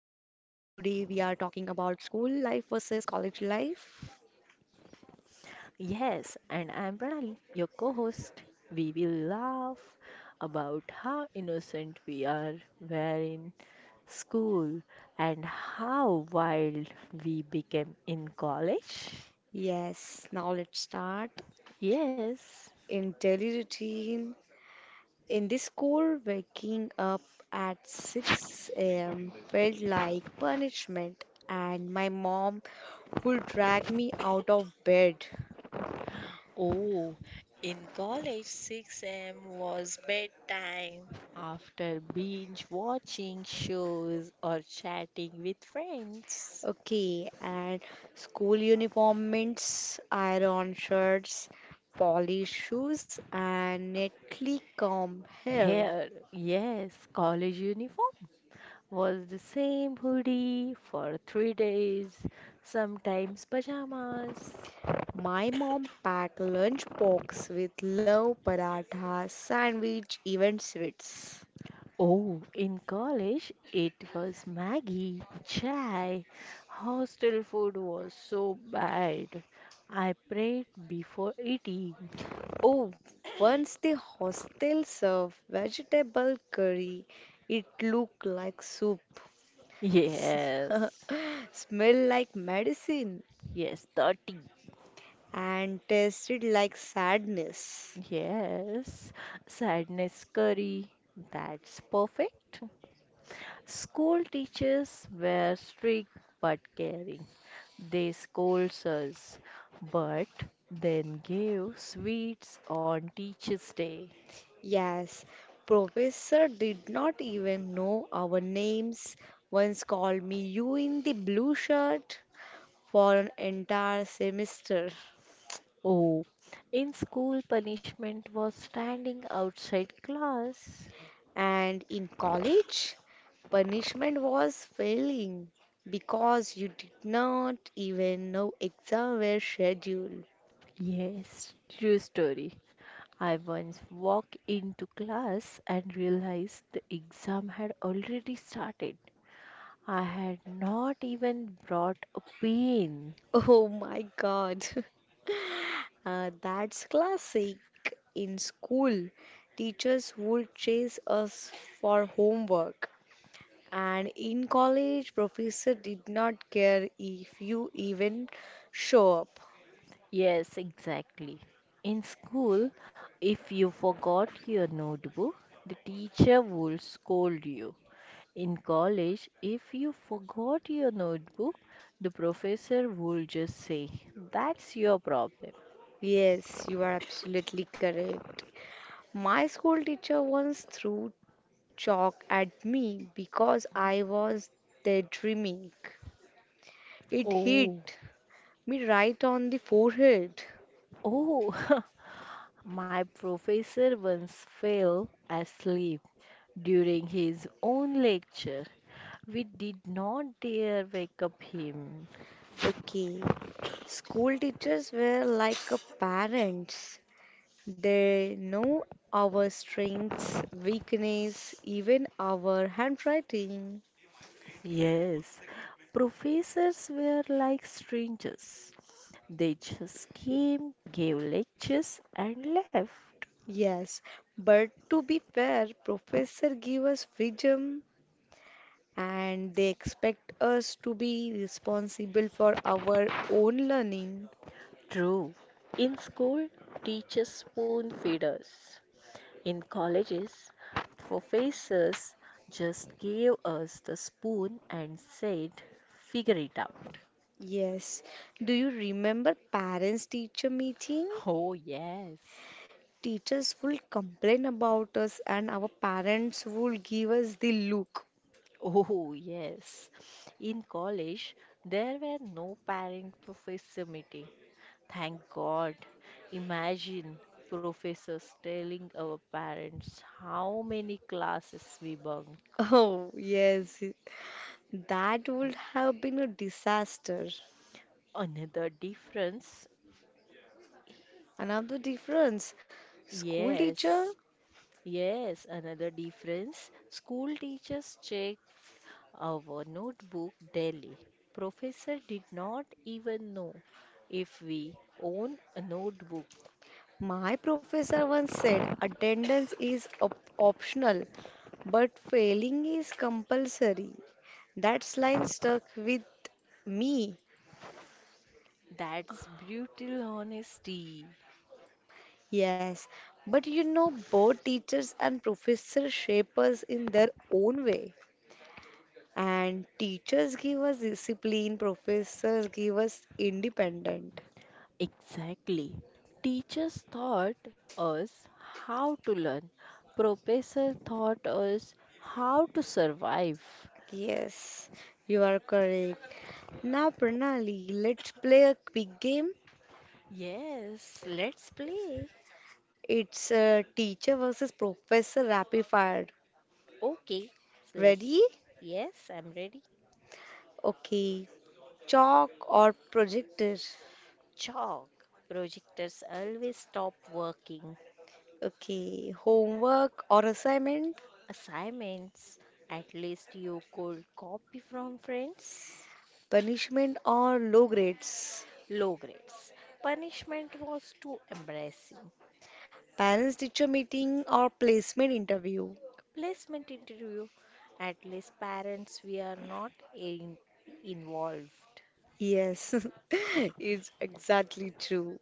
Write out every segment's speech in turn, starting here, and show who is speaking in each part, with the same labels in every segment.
Speaker 1: talking about school life versus college life.
Speaker 2: Yes, and I'm Pranali, your co host. We will laugh about how innocent we are were in school, and how wild we became in college.
Speaker 1: Yes, now let's start.
Speaker 2: Yes.
Speaker 1: In daily routine, in this core, waking up at 6 a.m. felt like punishment, and my mom would drag me out of bed.
Speaker 2: Oh, in college, 6 a.m. was bedtime, after binge watching shows or chatting with friends.
Speaker 1: Okay, and school uniform means iron shirts, polished shoes, and neatly combed hair.
Speaker 2: Here, yes, college uniform was the same hoodie for 3 days, sometimes pajamas.
Speaker 1: My mom packed lunchbox with love paratha, sandwich, even sweets.
Speaker 2: Oh, in college, it was Maggie, chai. Hostel food was so bad. I prayed before eating.
Speaker 1: Oh, once the hostel served vegetable curry, it looked like soup,
Speaker 2: Yes,
Speaker 1: smelled like medicine,
Speaker 2: yes, 30.
Speaker 1: and tasted like sadness.
Speaker 2: Yes, sadness curry. That's perfect. School teachers were strict but caring. They scolds us, but then give sweets on Teacher's Day.
Speaker 1: Yes, professor did not even know our names. Once called me you in the blue shirt for an entire semester.
Speaker 2: Oh, in school, punishment was standing outside class.
Speaker 1: And in college, punishment was failing because you did not even know exam were scheduled.
Speaker 2: Yes, true story. I once walked into class and realized the exam had already started. I had not even brought a pen.
Speaker 1: Oh my God. That's classic. In school, teachers would chase us for homework. And in college, professor did not care if you even show up.
Speaker 2: Yes, exactly. In school, if you forgot your notebook, the teacher would scold you. In college, if you forgot your notebook, the professor would just say, "That's your problem."
Speaker 1: Yes, you are absolutely correct. My school teacher once threw chalk at me because I was daydreaming. It
Speaker 2: Oh.
Speaker 1: hit me right on the forehead.
Speaker 2: Oh, my professor once fell asleep during his own lecture. We did not dare wake up him.
Speaker 1: Okay, school teachers were like a parents. They know our strengths, weakness, even our handwriting.
Speaker 2: Yes, professors were like strangers. They just came, gave lectures, and left.
Speaker 1: Yes, but to be fair, professor give us freedom and they expect us to be responsible for our own learning.
Speaker 2: True. In school, teachers spoon feed us. In colleges, professors just gave us the spoon and said, "Figure it out."
Speaker 1: Yes. Do you remember parents teacher meeting?
Speaker 2: Oh, yes.
Speaker 1: Teachers will complain about us and our parents will give us the look.
Speaker 2: Oh, yes. In college, there were no parent professor meeting. Thank God. Imagine professors telling our parents how many classes we bunk.
Speaker 1: Oh, yes. That would have been a disaster.
Speaker 2: Another difference?
Speaker 1: Another difference. School teacher.
Speaker 2: Yes. Yes, another difference. School teachers check our notebook daily. Professor did not even know if we own a notebook.
Speaker 1: My professor once said attendance is optional, but failing is compulsory. That line stuck with me.
Speaker 2: That's brutal honesty.
Speaker 1: Yes, but you know, both teachers and professors shape us in their own way. And teachers give us discipline, professors give us independent.
Speaker 2: Exactly. Teachers taught us how to learn. Professor taught us how to survive.
Speaker 1: Yes, you are correct. Now, Pranali, let's play a quick game.
Speaker 2: Yes, let's play.
Speaker 1: It's teacher versus professor rapid fire.
Speaker 2: Okay, so let's.
Speaker 1: Ready?
Speaker 2: Yes, I'm ready.
Speaker 1: Okay. Chalk or projector?
Speaker 2: Chalk. Projectors always stop working.
Speaker 1: Okay. Homework or assignment?
Speaker 2: Assignments. At least you could copy from friends.
Speaker 1: Punishment or low grades?
Speaker 2: Low grades. Punishment was too embarrassing.
Speaker 1: Parents teacher meeting or placement interview?
Speaker 2: Placement interview, at least parents we are not involved.
Speaker 1: Yes, it's exactly true.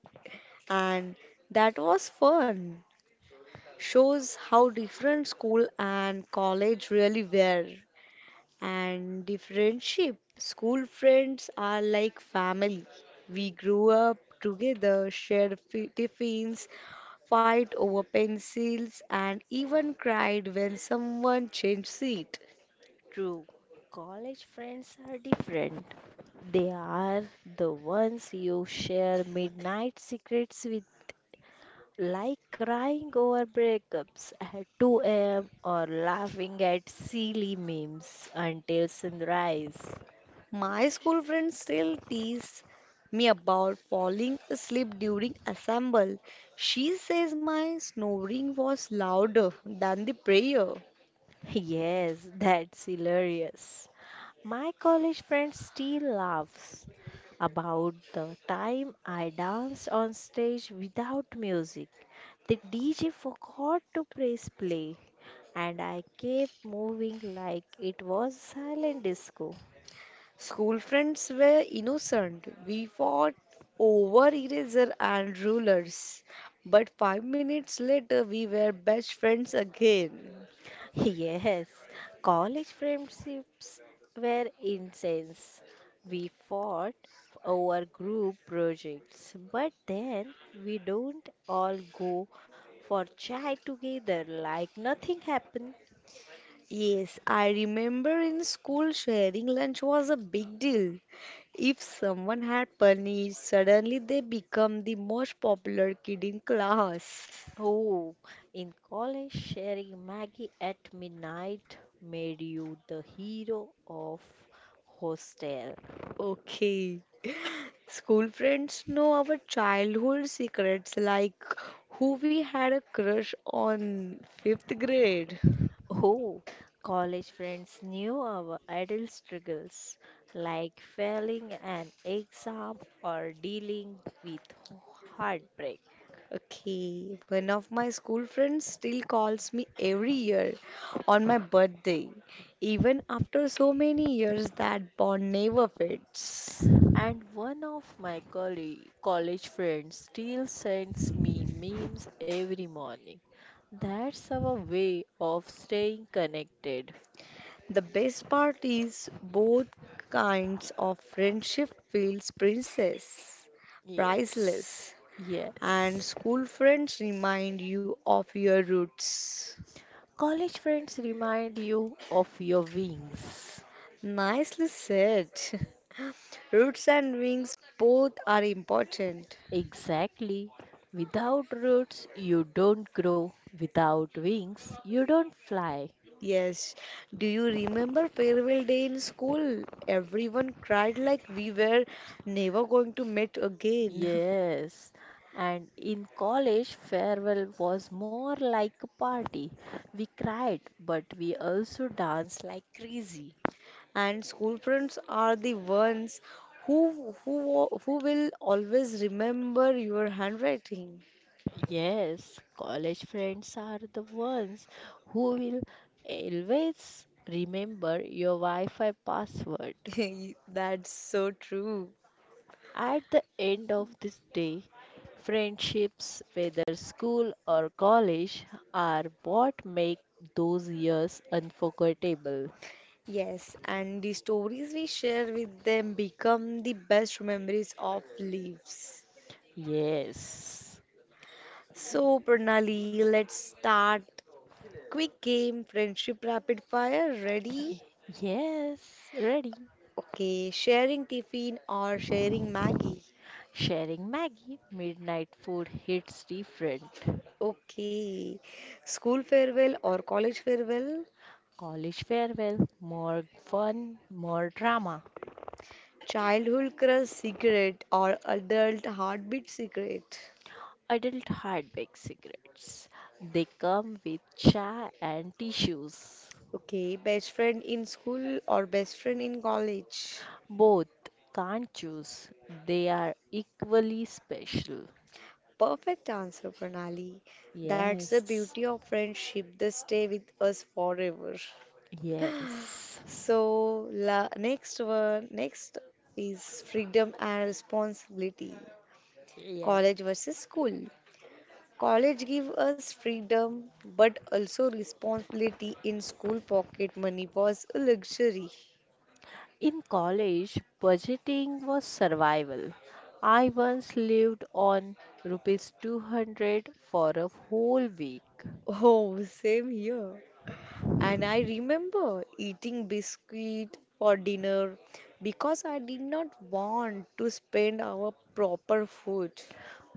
Speaker 1: And that was fun. Shows how different school and college really were. And the friendship. School friends are like family. We grew up together, shared tiffins, fight over pencils, and even cried when someone changed seat.
Speaker 2: True, college friends are different. They are the ones you share midnight secrets with, like crying over breakups at 2 a.m. or laughing at silly memes until sunrise.
Speaker 1: My school friends still tease me about falling asleep during assemble. She says my snoring was louder than the prayer.
Speaker 2: Yes, that's hilarious. My college friend still laughs about the time I danced on stage without music. The DJ forgot to press play, and I kept moving like it was silent disco.
Speaker 1: School friends were innocent. We fought over eraser and rulers. But 5 minutes later, we were best friends again.
Speaker 2: Yes, college friendships were intense. We fought over group projects, but then we don't all go for chai together like nothing happened.
Speaker 1: Yes, I remember in school sharing lunch was a big deal. If someone had punny, suddenly they become the most popular kid in class.
Speaker 2: Oh, in college, sharing Maggie at midnight made you the hero of hostel.
Speaker 1: Okay. School friends know our childhood secrets, like who we had a crush on fifth grade.
Speaker 2: Oh, college friends knew our adult struggles, like failing an exam or dealing with heartbreak.
Speaker 1: Okay, one of my school friends still calls me every year on my birthday, even after so many years that bond never fades.
Speaker 2: And one of my colleague, college friends still sends me memes every morning. That's our way of staying connected.
Speaker 1: The best part is both kinds of friendship feels princess,
Speaker 2: Yes.
Speaker 1: priceless, and
Speaker 2: Yes.
Speaker 1: school friends remind you of your roots.
Speaker 2: College friends remind you of your wings.
Speaker 1: Nicely said. Roots and wings both are important.
Speaker 2: Exactly. Without roots, you don't grow. Without wings, you don't fly.
Speaker 1: Yes. Do you remember farewell day in school? Everyone cried like we were never going to meet again.
Speaker 2: Yes. And in college, farewell was more like a party. We cried, but we also danced like crazy.
Speaker 1: And school friends are the ones who who will always remember your handwriting.
Speaker 2: Yes, college friends are the ones who will always remember your Wi Fi password.
Speaker 1: That's so true.
Speaker 2: At the end of this day, friendships, whether school or college, are what make those years unforgettable.
Speaker 1: Yes, and the stories we share with them become the best memories of lives.
Speaker 2: Yes.
Speaker 1: So, Pranali, let's start. Quick game, friendship rapid fire. Ready?
Speaker 2: Yes, ready.
Speaker 1: Okay, sharing tiffin or sharing Maggie.
Speaker 2: Sharing Maggie, midnight food hits different.
Speaker 1: Okay, school farewell or college farewell?
Speaker 2: College farewell, more fun, more drama.
Speaker 1: Childhood crush secret or adult heartbeat secret?
Speaker 2: Adult hard baked cigarettes. They come with chai and tissues.
Speaker 1: Okay, best friend in school or best friend in college?
Speaker 2: Both, can't choose. They are equally special.
Speaker 1: Perfect answer, Pranali. That's the
Speaker 2: Yes,
Speaker 1: beauty of friendship, they stay with us forever.
Speaker 2: yes,
Speaker 1: So, la next one, next is freedom and responsibility.
Speaker 2: yeah.
Speaker 1: College versus school. College give us freedom but also responsibility in school pocket money was a luxury.
Speaker 2: In college, budgeting was survival. I once lived on rupees 200 for a whole week.
Speaker 1: Oh, same here. And I remember eating biscuit for dinner because I did not want to spend our proper food.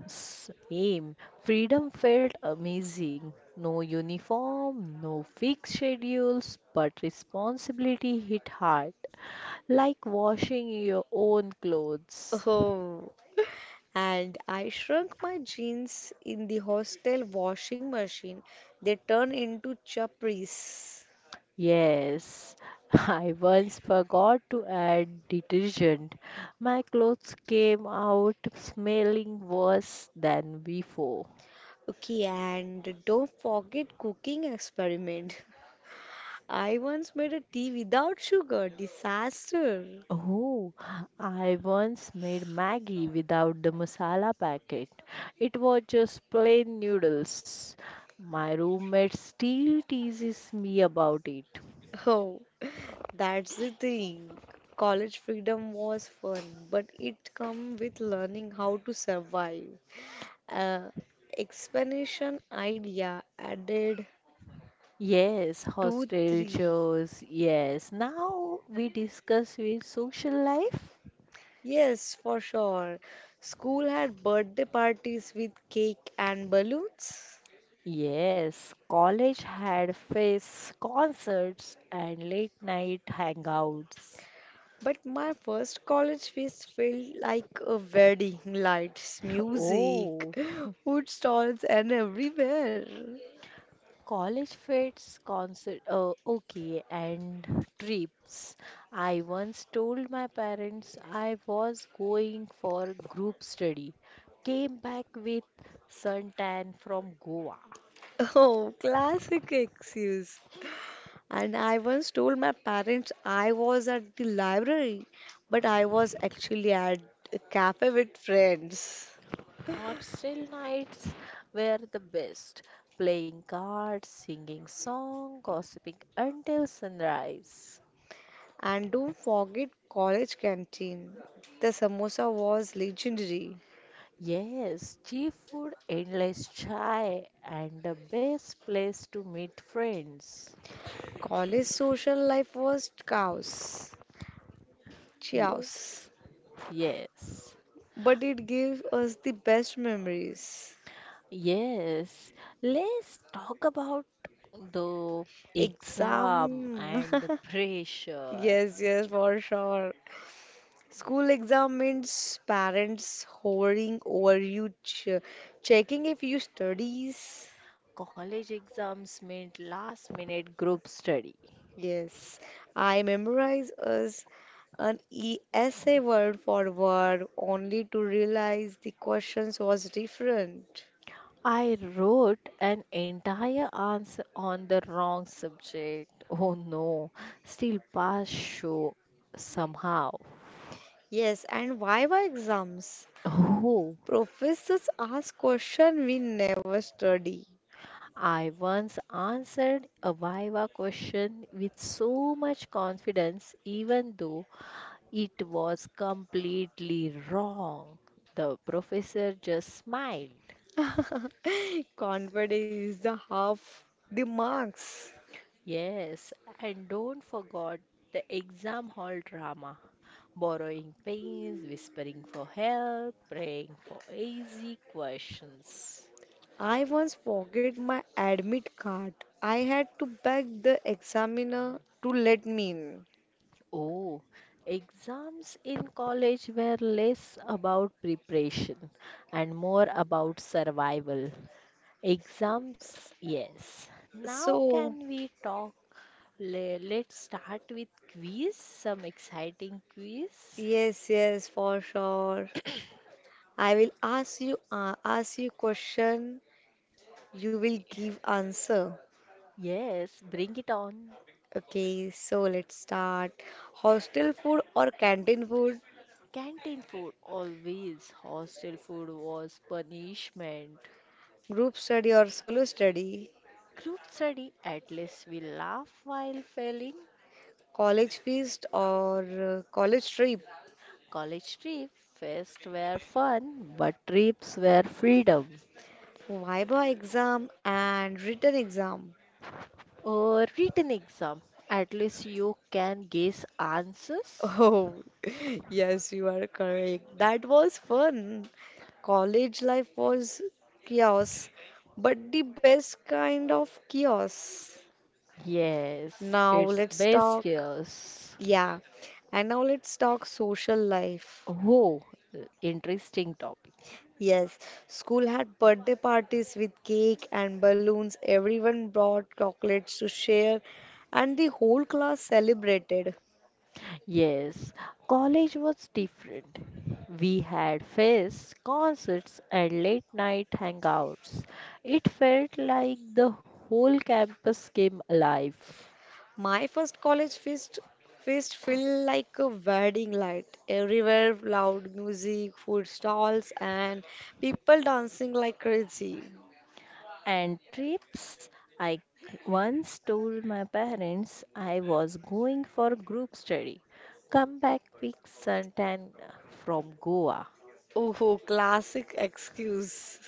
Speaker 2: Same. Freedom felt amazing. No uniform, no fixed schedules, but responsibility hit hard, like washing your own clothes.
Speaker 1: Oh, and I shrunk my jeans in the hostel washing machine. They turned into chapris.
Speaker 2: Yes, I once forgot to add detergent. My clothes came out smelling worse than before.
Speaker 1: Okay, and don't forget cooking experiment. I once made a tea without sugar. Disaster.
Speaker 2: Oh, I once made Maggie without the masala packet. It was just plain noodles. My roommate still teases me about it.
Speaker 1: Oh, that's the thing. College freedom was fun, but it come with learning how to survive. Uh, explanation idea added
Speaker 2: Yes,
Speaker 1: two,
Speaker 2: hostel
Speaker 1: three.
Speaker 2: chores. Yes, now we discuss with social life.
Speaker 1: Yes, for sure. School had birthday parties with cake and balloons.
Speaker 2: Yes, college had face concerts and late night hangouts.
Speaker 1: But my first college feast felt like a wedding, lights, music,
Speaker 2: Oh,
Speaker 1: food stalls, and everywhere.
Speaker 2: college fits, concert, okay, and trips. I once told my parents I was going for group study. Came back with suntan from Goa.
Speaker 1: Oh, classic excuse. And I once told my parents I was at the library, but I was actually at a cafe with friends.
Speaker 2: Hostel nights were the best. Playing cards, singing song, gossiping until sunrise.
Speaker 1: And don't forget college canteen. The samosa was legendary.
Speaker 2: Yes, cheap food, endless chai, and the best place to meet friends.
Speaker 1: College social life was chaos.
Speaker 2: Yes. Yes,
Speaker 1: But it gives us the best memories.
Speaker 2: yes. Let's talk about the exam
Speaker 1: Exam.
Speaker 2: and the pressure.
Speaker 1: Yes, yes, for sure. School exam means parents hovering over you, ch checking if you studies.
Speaker 2: College exams meant last minute group study.
Speaker 1: Yes, I memorize as an e essay word for word only to realize the questions was different.
Speaker 2: I wrote an entire answer on the wrong subject. Oh no, still pass show somehow.
Speaker 1: Yes, and why were exams?
Speaker 2: Oh,
Speaker 1: Professors ask question we never study.
Speaker 2: I once answered a Viva question with so much confidence, even though it was completely wrong. The professor just smiled.
Speaker 1: Confidence is the half the marks.
Speaker 2: Yes, and don't forget the exam hall drama. Borrowing pens, whispering for help, praying for easy questions.
Speaker 1: I once forget my admit card. I had to beg the examiner to let me in.
Speaker 2: Oh, exams in college were less about preparation and more about survival. Exams, yes. Now,
Speaker 1: So,
Speaker 2: can we talk? Let's start with quiz, some exciting quiz.
Speaker 1: yes, yes, for sure. I will ask you ask you question. You will give answer.
Speaker 2: Yes, bring it on.
Speaker 1: Okay, so let's start. Hostel food or canteen food?
Speaker 2: Canteen food, always. Hostel food was punishment.
Speaker 1: Group study or solo study?
Speaker 2: Group study, at least we laugh while failing.
Speaker 1: College feast or college trip.
Speaker 2: College trip, fest were fun, but trips were freedom.
Speaker 1: Viva exam and written exam.
Speaker 2: Or written exam, at least you can guess answers.
Speaker 1: Oh, yes, you are correct. That was fun. College life was chaos, but the best kind of chaos.
Speaker 2: Yes,
Speaker 1: Now
Speaker 2: it's
Speaker 1: let's
Speaker 2: best
Speaker 1: talk.
Speaker 2: guess.
Speaker 1: Yeah, and now let's talk social life.
Speaker 2: Oh, interesting topic.
Speaker 1: Yes, school had birthday parties with cake and balloons. Everyone brought chocolates to share, and the whole class celebrated.
Speaker 2: Yes, college was different. We had fests, concerts, and late night hangouts. It felt like the whole campus came alive.
Speaker 1: My first college feast felt like a wedding night. Everywhere, loud music, food stalls, and people dancing like crazy.
Speaker 2: And trips, I once told my parents I was going for group study. Come back with suntan from Goa.
Speaker 1: Oh, classic excuse.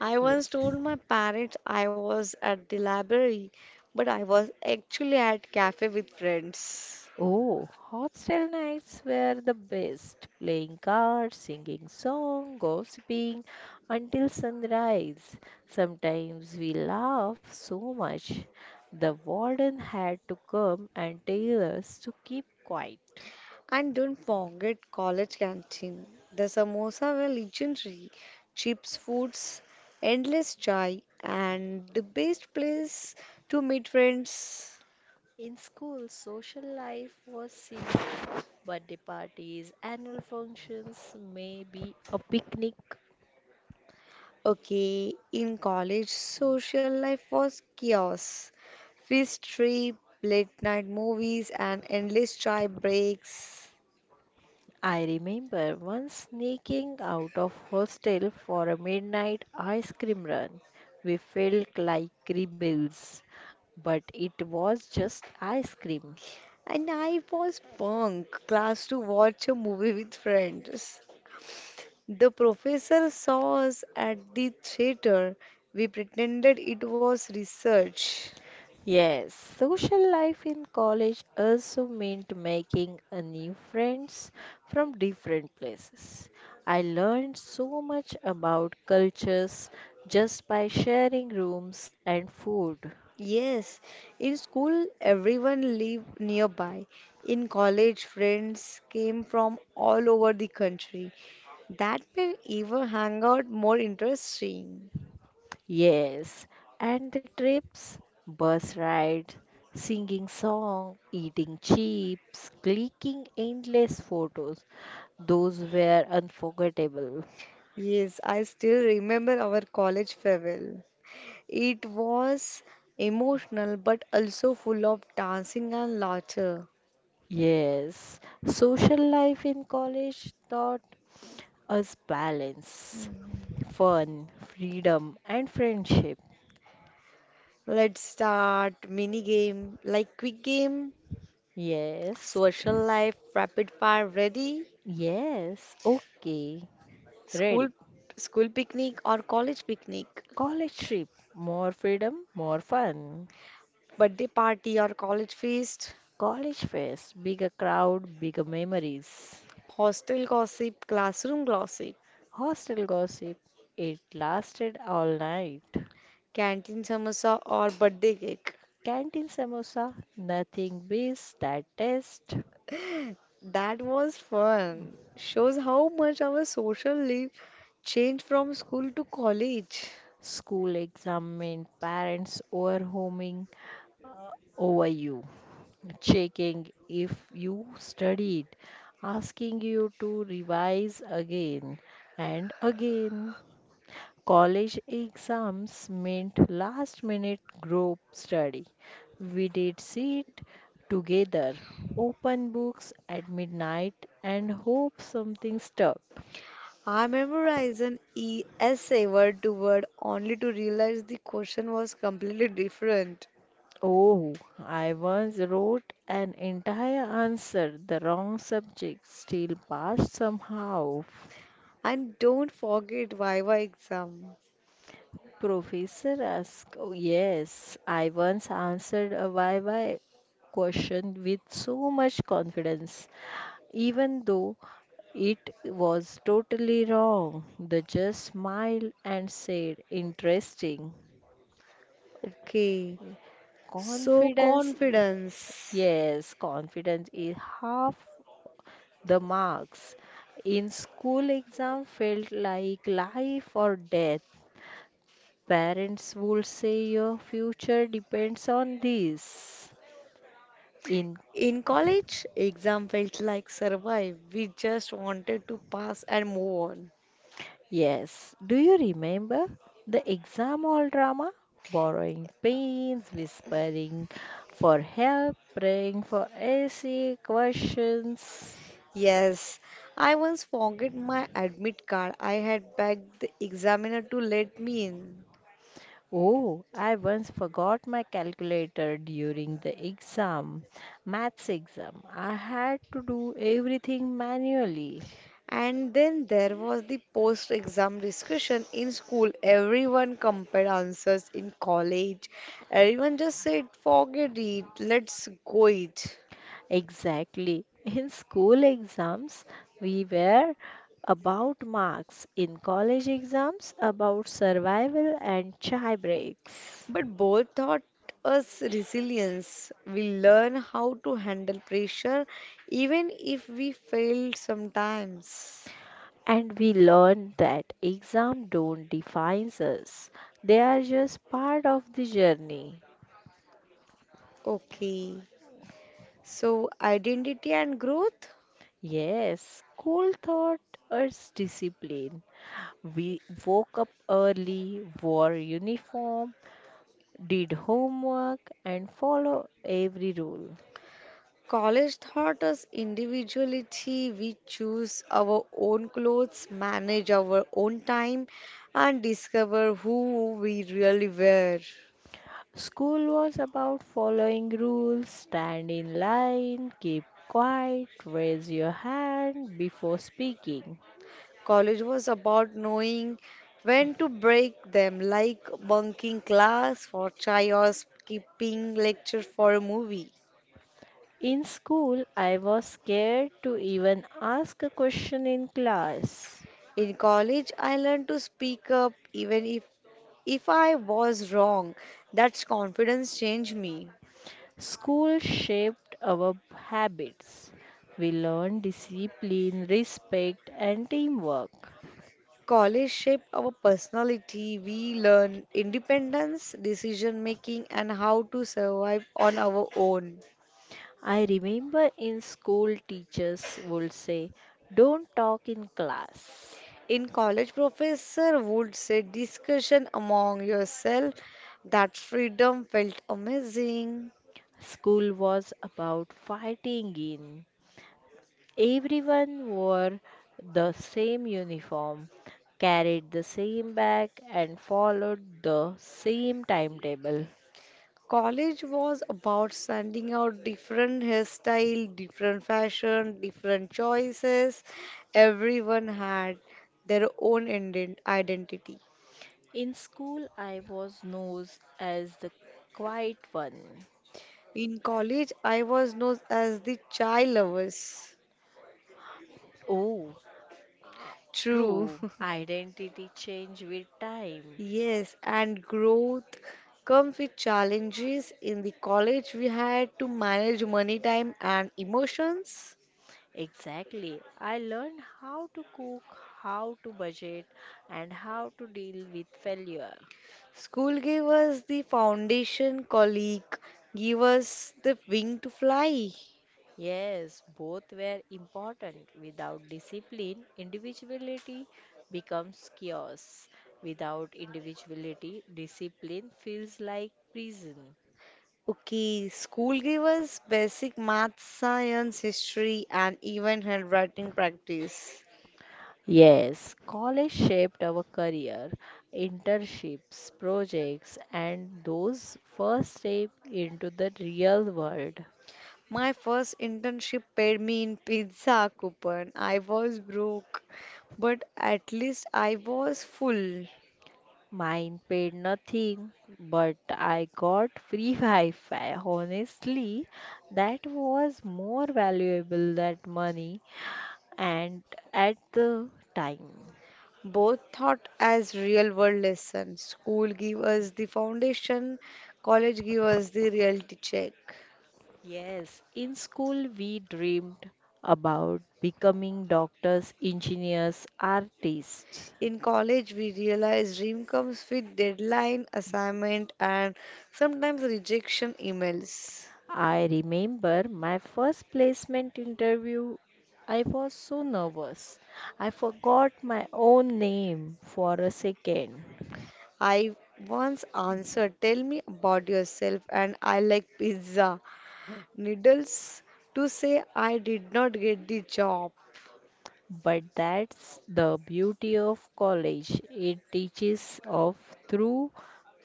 Speaker 1: I once told
Speaker 2: Yes.
Speaker 1: my parents I was at the library, but I was actually at cafe with friends.
Speaker 2: Oh, hostel nights were the best. Playing cards, singing song, gossiping until sunrise. Sometimes we laugh so much, the warden had to come and tell us to keep quiet.
Speaker 1: And don't forget college canteen. The samosa were legendary. Chips foods, endless chai, and the best place to meet friends.
Speaker 2: In school, social life was simple. Birthday parties, annual functions, maybe a picnic.
Speaker 1: Okay, in college, social life was chaos. Fish trip, late night movies, and endless chai breaks.
Speaker 2: I remember once sneaking out of hostel for a midnight ice cream run. We felt like rebels, but it was just ice cream.
Speaker 1: And I was bunk class to watch a movie with friends. The professor saw us at the theater. We pretended it was research.
Speaker 2: Yes, social life in college also meant making a new friends from different places. I learned so much about cultures just by sharing rooms and food.
Speaker 1: Yes, in school everyone lived nearby. In college, friends came from all over the country. That made even hangout more interesting.
Speaker 2: Yes, and the trips, bus rides, singing song, eating chips, clicking endless photos. Those were unforgettable.
Speaker 1: Yes, I still remember our college farewell. It was emotional but also full of dancing and laughter.
Speaker 2: Yes, social life in college taught us balance, fun, freedom, and friendship.
Speaker 1: Let's start mini game like quick game,
Speaker 2: Yes,
Speaker 1: social life, rapid fire, ready?
Speaker 2: yes, okay,
Speaker 1: School
Speaker 2: ready.
Speaker 1: school picnic or college picnic,
Speaker 2: College trip, more freedom, more fun.
Speaker 1: birthday party or college feast,
Speaker 2: College fest, bigger crowd, bigger memories.
Speaker 1: hostel gossip, classroom gossip,
Speaker 2: Hostel gossip, it lasted all night.
Speaker 1: canteen samosa or birthday cake.
Speaker 2: Canteen samosa, nothing beats that taste.
Speaker 1: That was fun. Shows how much our social life changed from school to college.
Speaker 2: School exam meant parents overwhelming uh, over you, checking if you studied, asking you to revise again and again. College exams meant last minute group study. We did sit together, open books at midnight, and hope something stuck.
Speaker 1: I memorized an essay word to word only to realize the question was completely different.
Speaker 2: Oh, I once wrote an entire answer, the wrong subject, still passed somehow.
Speaker 1: And don't forget Viva exam.
Speaker 2: Professor asked, oh, yes, I once answered a YY question with so much confidence, even though it was totally wrong. They just smiled and said, "Interesting."
Speaker 1: Okay, so
Speaker 2: Confidence, i-
Speaker 1: confidence.
Speaker 2: yes, confidence is half the marks. In school exam felt like life or death. Parents would say your future depends on this. In,
Speaker 1: In college, exam felt like survive. We just wanted to pass and move on.
Speaker 2: yes, do you remember the exam hall drama? Borrowing pens, whispering for help, praying for essay questions.
Speaker 1: Yes, I once forgot my admit card. I had begged the examiner to let me in.
Speaker 2: Oh, I once forgot my calculator during the exam, maths exam. I had to do everything manually.
Speaker 1: And then there was the post exam discussion in school. Everyone compared answers in college. Everyone just said, forget it, let's go it.
Speaker 2: Exactly. In school exams, we were about marks. In college exams, about survival and chai breaks.
Speaker 1: But both taught us resilience. We learn how to handle pressure even if we fail sometimes.
Speaker 2: And we learned that exams don't define us. They are just part of the journey.
Speaker 1: Okay, so identity and growth.
Speaker 2: Yes, school taught us discipline. We woke up early, wore uniform, did homework, and follow every rule.
Speaker 1: College taught us individuality. We choose our own clothes, manage our own time, and discover who we really were.
Speaker 2: School was about following rules, stand in line, keep quiet, raise your hand before speaking.
Speaker 1: College was about knowing when to break them, like bunking class for chai or skipping lecture for a movie.
Speaker 2: In school, I was scared to even ask a question in class.
Speaker 1: In college, I learned to speak up even if I was wrong. That's confidence changed me.
Speaker 2: School shaped our habits. We learned discipline, respect, and teamwork.
Speaker 1: College shape our personality. We learn independence, decision making, and how to survive on our own.
Speaker 2: I remember in school, teachers would say, "Don't talk in class."
Speaker 1: In college, professor would say discussion among yourself. That freedom felt amazing.
Speaker 2: School was about fighting in. Everyone wore the same uniform, carried the same bag, and followed the same timetable.
Speaker 1: College was about standing out different hairstyle, different fashion, different choices. Everyone had their own identity.
Speaker 2: In school, I was known as the quiet one.
Speaker 1: In college, I was known as the chai lovers.
Speaker 2: Oh,
Speaker 1: True.
Speaker 2: true. Identity change with time.
Speaker 1: Yes, and growth comes with challenges. In the college, we had to manage money, time, and emotions.
Speaker 2: Exactly. I learned how to cook, how to budget, and how to deal with failure.
Speaker 1: School gave us the foundation, colleague gave us the wing to fly.
Speaker 2: Yes, both were important. Without discipline, individuality becomes chaos. Without individuality, discipline feels like prison.
Speaker 1: Okay, school gave us basic math, science, history, and even handwriting practice.
Speaker 2: Yes, college shaped our career, internships, projects, and those first step into the real world.
Speaker 1: My first internship paid me in pizza coupon. I was broke, but at least I was full.
Speaker 2: Mine paid nothing, but I got free Wi Fi. Honestly, that was more valuable than money and at the time.
Speaker 1: Both thought as real world lessons. School give us the foundation, college give us the reality check.
Speaker 2: Yes, in school we dreamed about becoming doctors, engineers, artists.
Speaker 1: In college, we realize dream comes with deadline, assignment, and sometimes rejection emails.
Speaker 2: I remember my first placement interview. I was so nervous, I forgot my own name for a second.
Speaker 1: I once answered, tell me about yourself, and I like pizza. Needles to say, I did not get the job.
Speaker 2: But that's the beauty of college. It teaches of through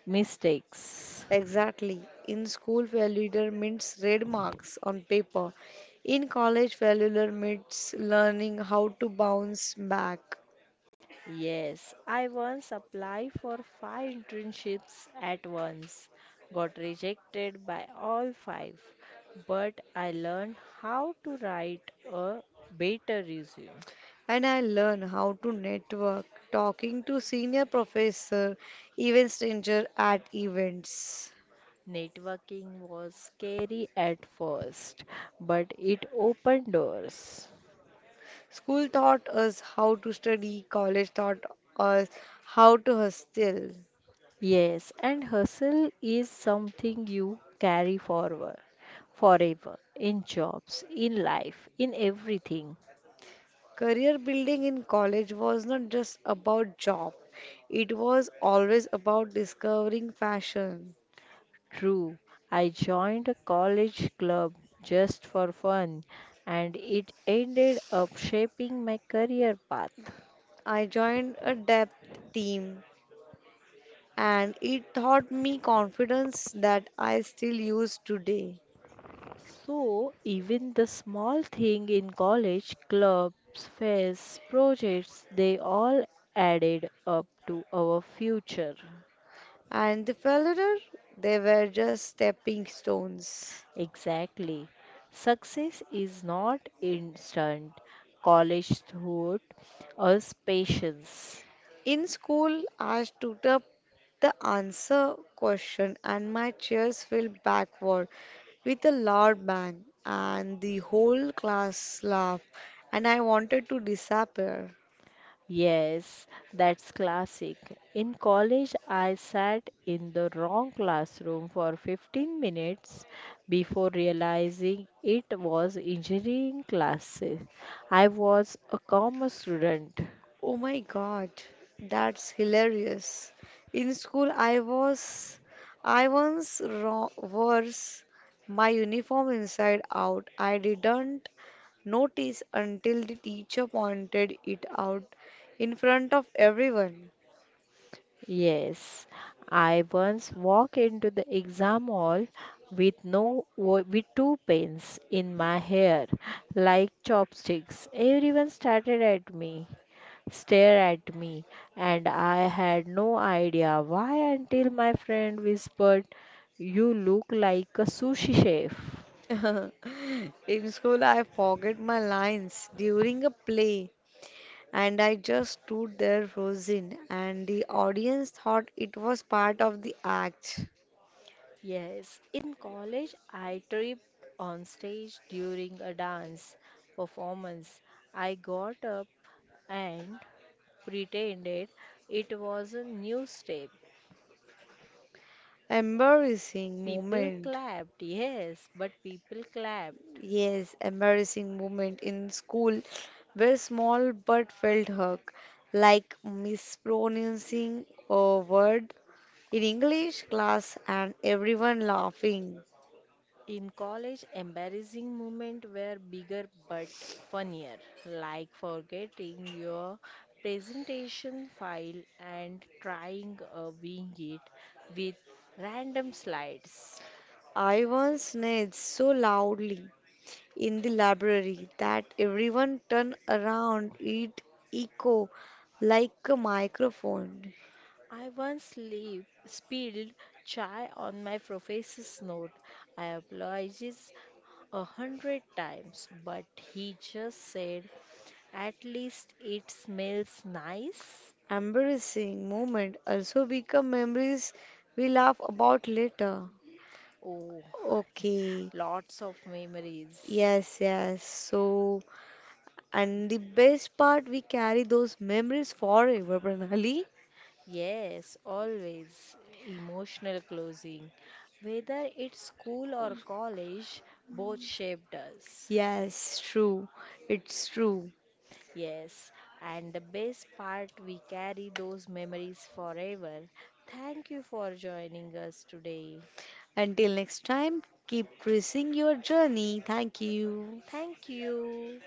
Speaker 2: mistakes.
Speaker 1: Exactly. In school, failure means red marks on paper. In college, failure means learning how to bounce back.
Speaker 2: Yes, I once applied for five internships at once, got rejected by all five, but I learned how to write a better resume.
Speaker 1: And I learn how to network, talking to senior professor, even stranger at events.
Speaker 2: Networking was scary at first, but it opened doors.
Speaker 1: School taught us how to study, college taught us how to hustle.
Speaker 2: Yes, and hustle is something you carry forward forever, in jobs, in life, in everything.
Speaker 1: Career building in college was not just about job, it was always about discovering passion.
Speaker 2: True, I joined a college club just for fun, and it ended up shaping my career path.
Speaker 1: I joined a depth team and it taught me confidence that I still use today.
Speaker 2: So, even the small thing in college, clubs, fests, projects, they all added up to our future.
Speaker 1: And the failure, they were just stepping stones.
Speaker 2: Exactly. Success is not instant. College taught us patience.
Speaker 1: In school, I stood up the answer question and my chairs fell backward with a loud bang, and the whole class laughed, and I wanted to disappear.
Speaker 2: Yes, that's classic. In college, I sat in the wrong classroom for 15 minutes before realizing it was engineering classes. I was a commerce student.
Speaker 1: Oh my God, that's hilarious. In school, I once was my uniform inside out. I didn't notice until the teacher pointed it out in front of everyone.
Speaker 2: Yes, I once walked into the exam hall with no wo- with two pens in my hair, like chopsticks. Everyone stared at me, and I had no idea why until my friend whispered, "You look like a sushi chef."
Speaker 1: In school, I forget my lines during a play and I just stood there frozen, and the audience thought it was part of the act.
Speaker 2: Yes, in college I tripped on stage during a dance performance. I got up and pretended it was a new step.
Speaker 1: Embarrassing
Speaker 2: People
Speaker 1: moment.
Speaker 2: clapped, yes, but people clapped.
Speaker 1: Yes, embarrassing moment in school where small but felt hurt, like mispronouncing a word in English class and everyone laughing.
Speaker 2: In college, embarrassing moments were bigger but funnier, like forgetting your presentation file and trying a wing it with random slides.
Speaker 1: I once sneezed so loudly in the library that everyone turned around. It echo like a microphone.
Speaker 2: I once spilled chai on my professor's note. I apologized 100 times, but he just said, "At least it smells nice."
Speaker 1: Embarrassing moment also become memories we laugh about later.
Speaker 2: Oh,
Speaker 1: Okay,
Speaker 2: lots of memories.
Speaker 1: yes, yes. So, and the best part, we carry those memories forever, Pranali.
Speaker 2: Yes, always emotional closing. Whether it's school or college, both shaped us.
Speaker 1: Yes, true. It's true.
Speaker 2: Yes, and the best part, we carry those memories forever. Thank you for joining us today.
Speaker 1: Until next time, keep tracing your journey. Thank you.
Speaker 2: Thank you.